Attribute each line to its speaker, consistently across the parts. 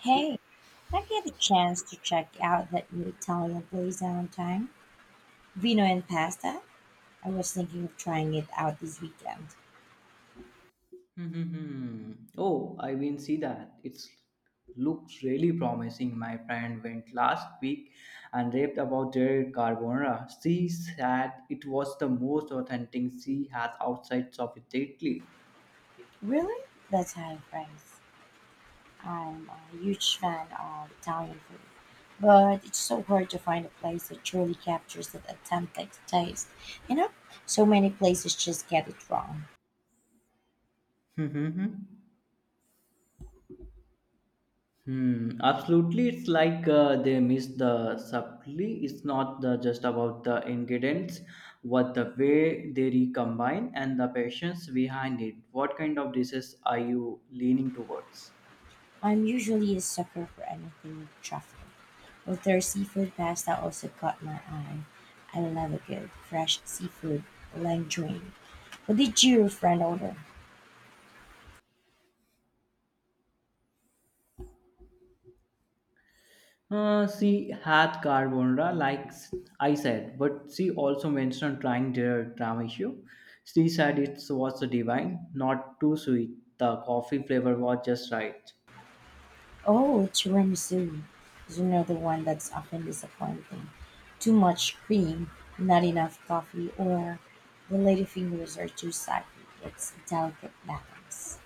Speaker 1: Hey, have you had a chance to check out that new Italian place downtown? Vino and pasta? I was thinking of trying it out this weekend.
Speaker 2: hmm Oh, I will see that. It's looks really promising. My friend went last week and raved about their carbonara. She said it was the most authentic she has outside of Italy.
Speaker 1: Really? That's high praise. I'm a huge fan of Italian food, but it's so hard to find a place that truly captures that authentic taste. You know, so many places just get it wrong.
Speaker 2: Hmm, absolutely. It's like they miss the subtlety. It's not the, just about the ingredients, but the way they recombine and the patience behind it. What kind of dishes are you leaning towards?
Speaker 1: I'm usually a sucker for anything with truffle. But their seafood pasta also caught my eye. I love a good, fresh seafood linguine. What did your friend order?
Speaker 2: She had carbonara, I said, but she also mentioned trying their tiramisu. She said it was divine, not too sweet. The coffee flavor was just right.
Speaker 1: Oh, tiramisu is another one that's often disappointing. Too much cream, not enough coffee, or the lady fingers are too saggy. It's a delicate balance.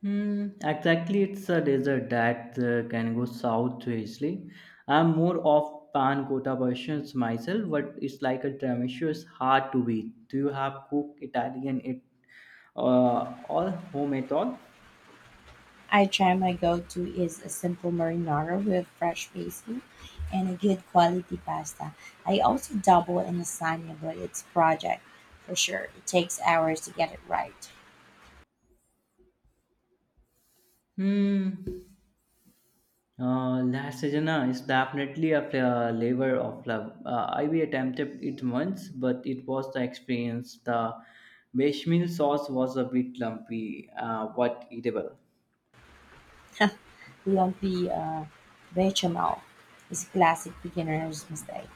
Speaker 2: Exactly, it's a dessert that can go south to Italy. I'm more of pan cotta versions myself, but it's like a tiramisu is hard to beat. Do you have cooked Italian it all home at all?
Speaker 1: I try my go-to is a simple marinara with fresh basil and a good quality pasta. I also dabble in lasagna, but it's a project for sure. It takes hours to get it right.
Speaker 2: Hmm. Last season is definitely a labor of love. I we attempted it once, but it was the experience. The bechamel sauce was a bit lumpy, but eatable.
Speaker 1: Lumpy bechamel is a classic beginner's mistake.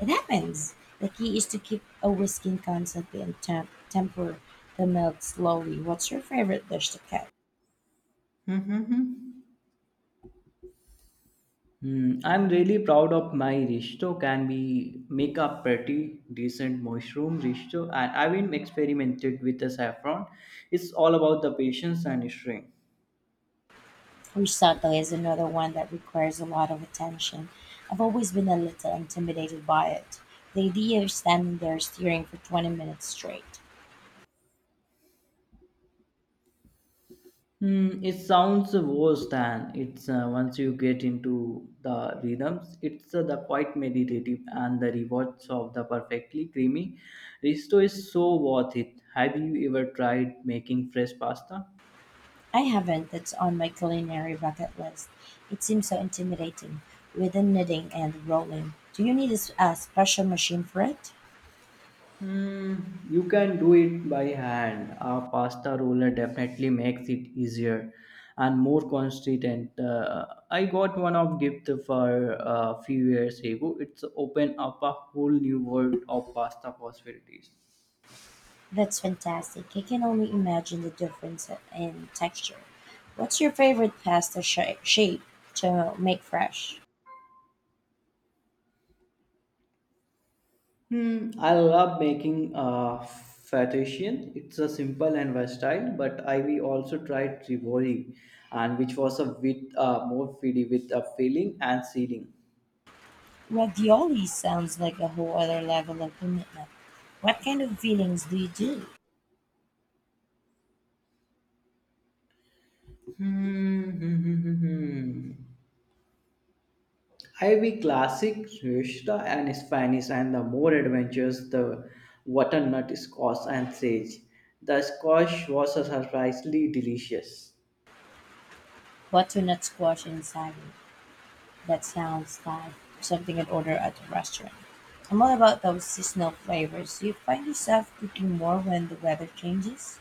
Speaker 1: It happens. The key is to keep a whisking constantly and temper the milk slowly. What's your favorite dish to cook?
Speaker 2: Mm-hmm. I'm really proud of my risotto. Can we make a pretty decent mushroom risotto? And I've been experimented with the saffron. It's all about the patience and strength.
Speaker 1: Fusato is another one that requires a lot of attention. I've always been a little intimidated by it. The idea of standing there steering for 20 minutes straight.
Speaker 2: It sounds worse than it's once you get into the rhythms. It's the quite meditative and the rewards of the perfectly creamy risto is so worth it. Have you ever tried making fresh pasta?
Speaker 1: I haven't, that's on my culinary bucket list. It seems so intimidating with the knitting and rolling. Do you need a special machine for it?
Speaker 2: Hmm, you can do it by hand. A pasta roller definitely makes it easier and more consistent. I got one of gift for a few years ago. It's opened up a whole new world of pasta possibilities.
Speaker 1: That's fantastic. I can only imagine the difference in texture. What's your favorite pasta shape to make fresh?
Speaker 2: I love making fettuccine. It's a simple and versatile, but I we also tried rivoli, and which was a bit more feedy with a filling and sealing.
Speaker 1: Ravioli sounds like a whole other level of commitment. What kind of feelings do you do?
Speaker 2: Hmm, hmm, hmm, hmm, hmm. I we classic Rishta and Spanish, and the more adventures the butternut squash and sage. The squash was surprisingly delicious.
Speaker 1: Butternut squash and celery. That sounds like something I'd order at a restaurant. I'm all about those seasonal flavors. Do you find yourself cooking more when the weather changes?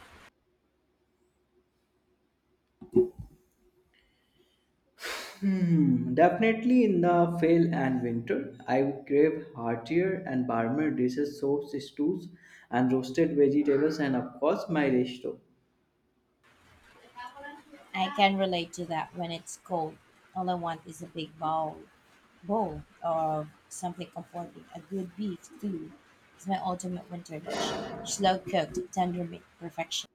Speaker 2: Definitely in the fall and winter, I would crave heartier and warmer dishes, soups, stews, and roasted vegetables, and of course, my resto.
Speaker 1: I can relate to that when it's cold. All I want is a bowl of something comforting. A good beef stew is my ultimate winter dish. Slow cooked, tender meat, perfection.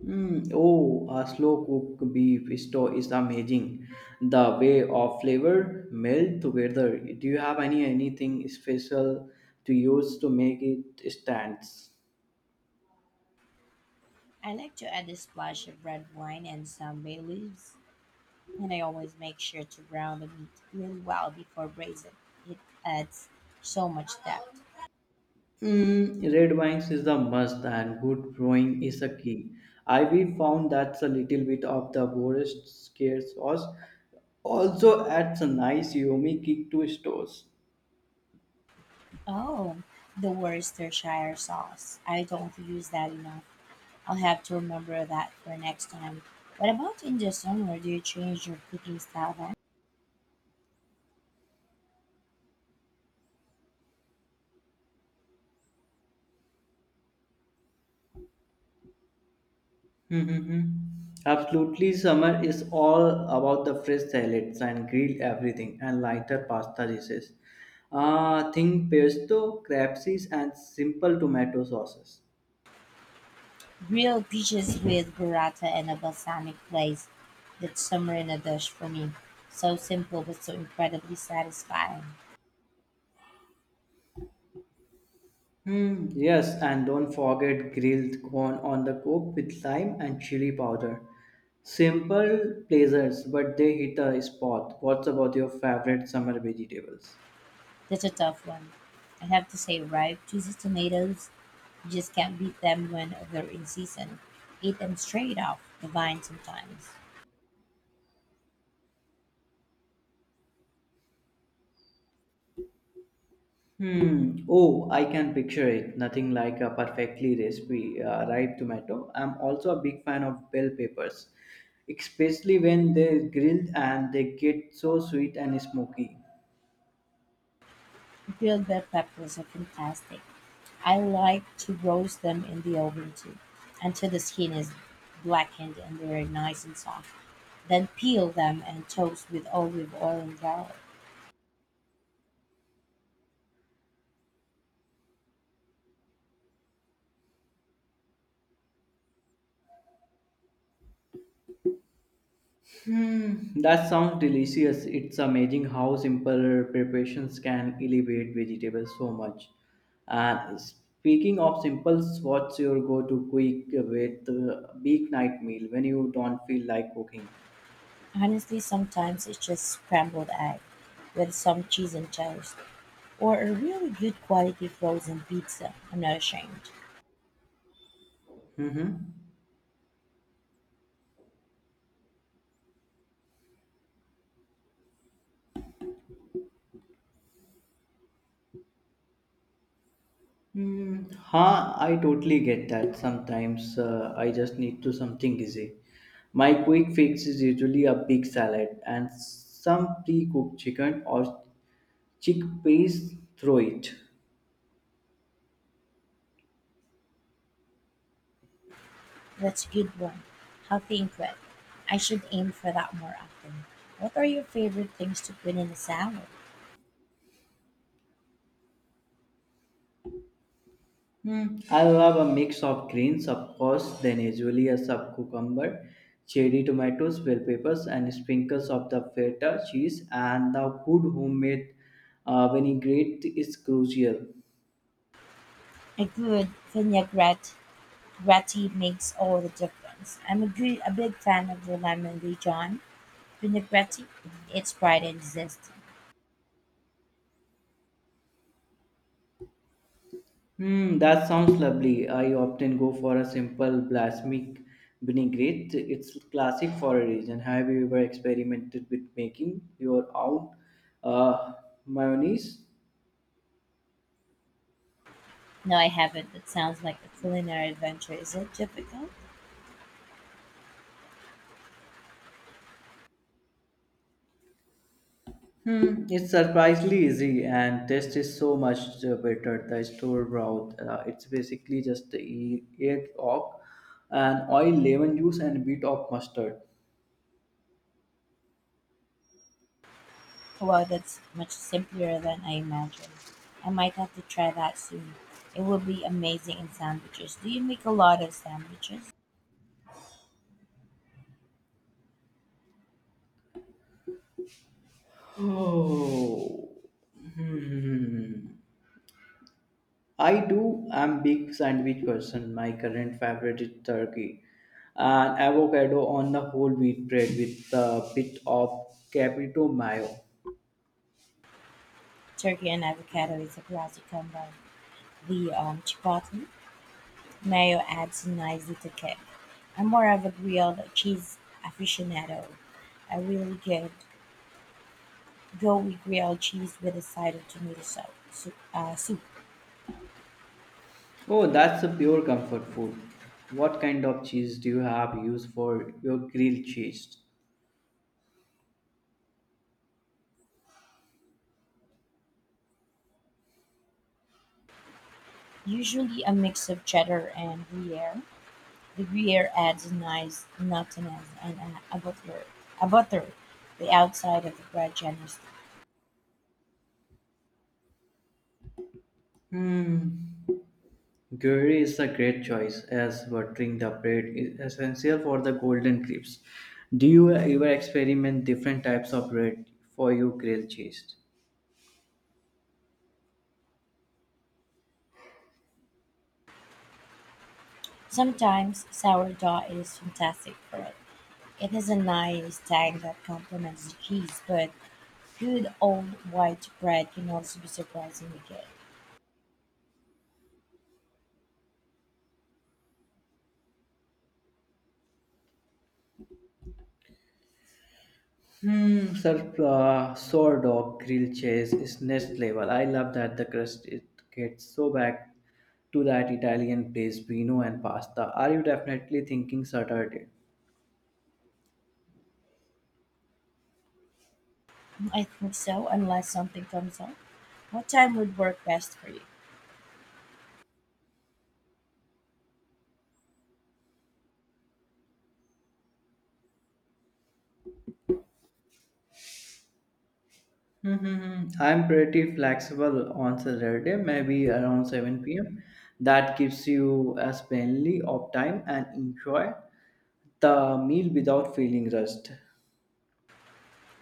Speaker 2: Hmm. Oh, a slow cooked beef stew is amazing. The way of flavor melt together. Do you have any anything special to use to make it stands?
Speaker 1: I like to add a splash of red wine and some bay leaves, and I always make sure to brown the meat really well before braising. It adds so much depth.
Speaker 2: Mm, red wines is a must and good brewing is a key. I we found that's a little bit of the worst scare sauce. Also adds a nice yummy kick to stores.
Speaker 1: Oh, the Worcestershire sauce. I don't use that enough. I'll have to remember that for next time. What about in the summer? Do you change your cooking style then?
Speaker 2: Hmm, Absolutely, summer is all about the fresh salads and grilled everything and lighter pasta dishes. Think pesto, crab and simple tomato sauces.
Speaker 1: Grilled peaches with burrata and a balsamic glaze. That's summer in a dish for me. So simple but so incredibly satisfying.
Speaker 2: Yes, and don't forget grilled corn on the cob with lime and chili powder. Simple pleasures, but they hit the spot. What's about your favorite summer vegetables?
Speaker 1: That's a tough one. I have to say, ripe, juicy tomatoes, you just can't beat them when they're in season. Eat them straight off the vine sometimes.
Speaker 2: Hmm. Oh, I can picture it. Nothing like a perfectly recipe ripe tomato. I'm also a big fan of bell peppers, especially when they're grilled and they get so sweet and smoky.
Speaker 1: Grilled bell peppers are fantastic. I like to roast them in the oven too, until the skin is blackened and they're nice and soft. Then peel them and toast with olive oil and garlic.
Speaker 2: That sounds delicious. It's amazing how simple preparations can elevate vegetables so much. And speaking of simples, what's your go-to quick with weeknight meal when you don't feel like cooking?
Speaker 1: Honestly, sometimes it's just scrambled egg with some cheese and toast, or a really good quality frozen pizza. I'm not ashamed.
Speaker 2: Mm-hmm. I totally get that. Sometimes I just need to something easy. My quick fix is usually a big salad and some pre-cooked chicken or chickpeas. Throw it.
Speaker 1: That's a good one. Healthy and quick. I should aim for that more often. What are your favorite things to put in a salad?
Speaker 2: Hmm. I'll have a mix of greens, of course, then usually a sub cucumber, cherry tomatoes, bell peppers, and sprinkles of the feta cheese. And the good homemade vinaigrette is crucial.
Speaker 1: A good vinaigrette makes all the difference. I'm a big fan of the lemon Dijon vinaigrette. It's bright and zesty.
Speaker 2: That sounds lovely. I often go for a simple balsamic vinaigrette. It's classic for a reason. Have you ever experimented with making your own uh, mayonnaise?
Speaker 1: No, I haven't. It sounds like a culinary adventure. Is it difficult?
Speaker 2: It's surprisingly easy and taste is so much better. The store broth, it's basically just egg, yolk, and oil, lemon juice, and bit of mustard.
Speaker 1: Wow, that's much simpler than I imagined. I might have to try that soon. It would be amazing in sandwiches. Do you make a lot of sandwiches?
Speaker 2: Oh, hmm. I do. I'm big sandwich person. My current favorite is turkey and avocado on the whole wheat bread with a bit of caprito mayo.
Speaker 1: Turkey and avocado is a classic combo. The chipotle mayo adds nicely to kick. I'm more of a grilled cheese aficionado. I really good go with grilled cheese with a side of tomato soup.
Speaker 2: Oh, that's a pure comfort food. What kind of cheese do you have used for your grilled cheese?
Speaker 1: Usually a mix of cheddar and gruyere. The rear adds a nice nuttiness and a butter the outside of the bread generously.
Speaker 2: Hmm. Gruyere is a great choice as buttering the bread is essential for the golden crisps. Do you ever experiment different types of bread for your grilled cheese?
Speaker 1: Sometimes sourdough is fantastic for it. It has a nice tang that complements the cheese, but good old white bread can also be surprisingly good.
Speaker 2: Sourdough grilled cheese is next level. I love that the crust it gets so back to that Italian place, vino and pasta. Are you definitely thinking Saturday?
Speaker 1: I think so, unless something comes up. What time would work best for you?
Speaker 2: I'm pretty flexible on Saturday, maybe around 7 p.m. That gives you a plenty of time and enjoy the meal without feeling rushed.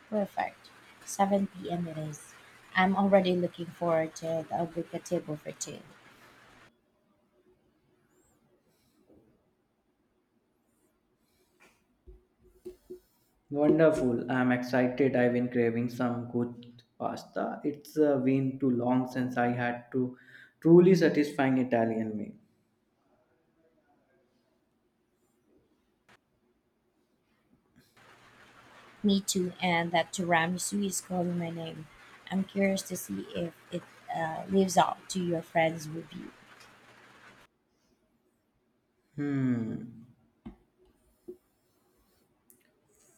Speaker 1: Perfect. 7 p.m. it is. I'm already looking forward to the oblique table for two.
Speaker 2: Wonderful. I'm excited. I've been craving some good pasta. It's been too long since I had to truly satisfying Italian meal.
Speaker 1: Me too, and that tiramisu is calling my name. I'm curious to see if it lives up to your friend's review.
Speaker 2: Hmm.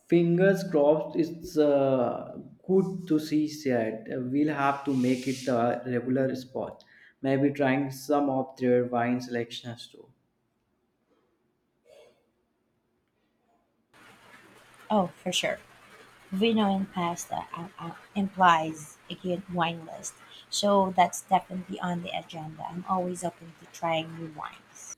Speaker 2: Fingers crossed, it's good to see said. We'll have to make it a regular spot. Maybe trying some of their wine selections too.
Speaker 1: Oh, for sure. Vino and pasta implies a good wine list, so that's definitely on the agenda. I'm always open to trying new wines.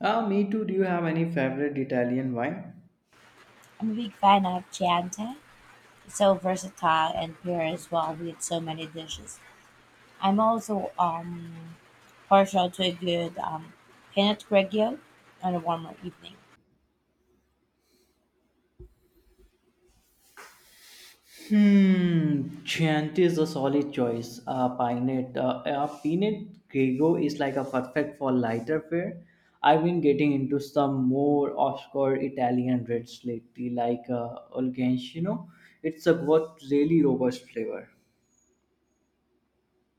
Speaker 2: Ah, me too. Do you have any favorite Italian wine?
Speaker 1: I'm a big fan of Chianti. It's so versatile and pairs well with so many dishes. I'm also partial to a good Pinot Grigio on a warmer evening.
Speaker 2: Chianti is a solid choice. Peanut Grego is like a perfect for lighter fare. I've been getting into some more obscure Italian reds lately, like Olgancino. It's a what really robust flavor.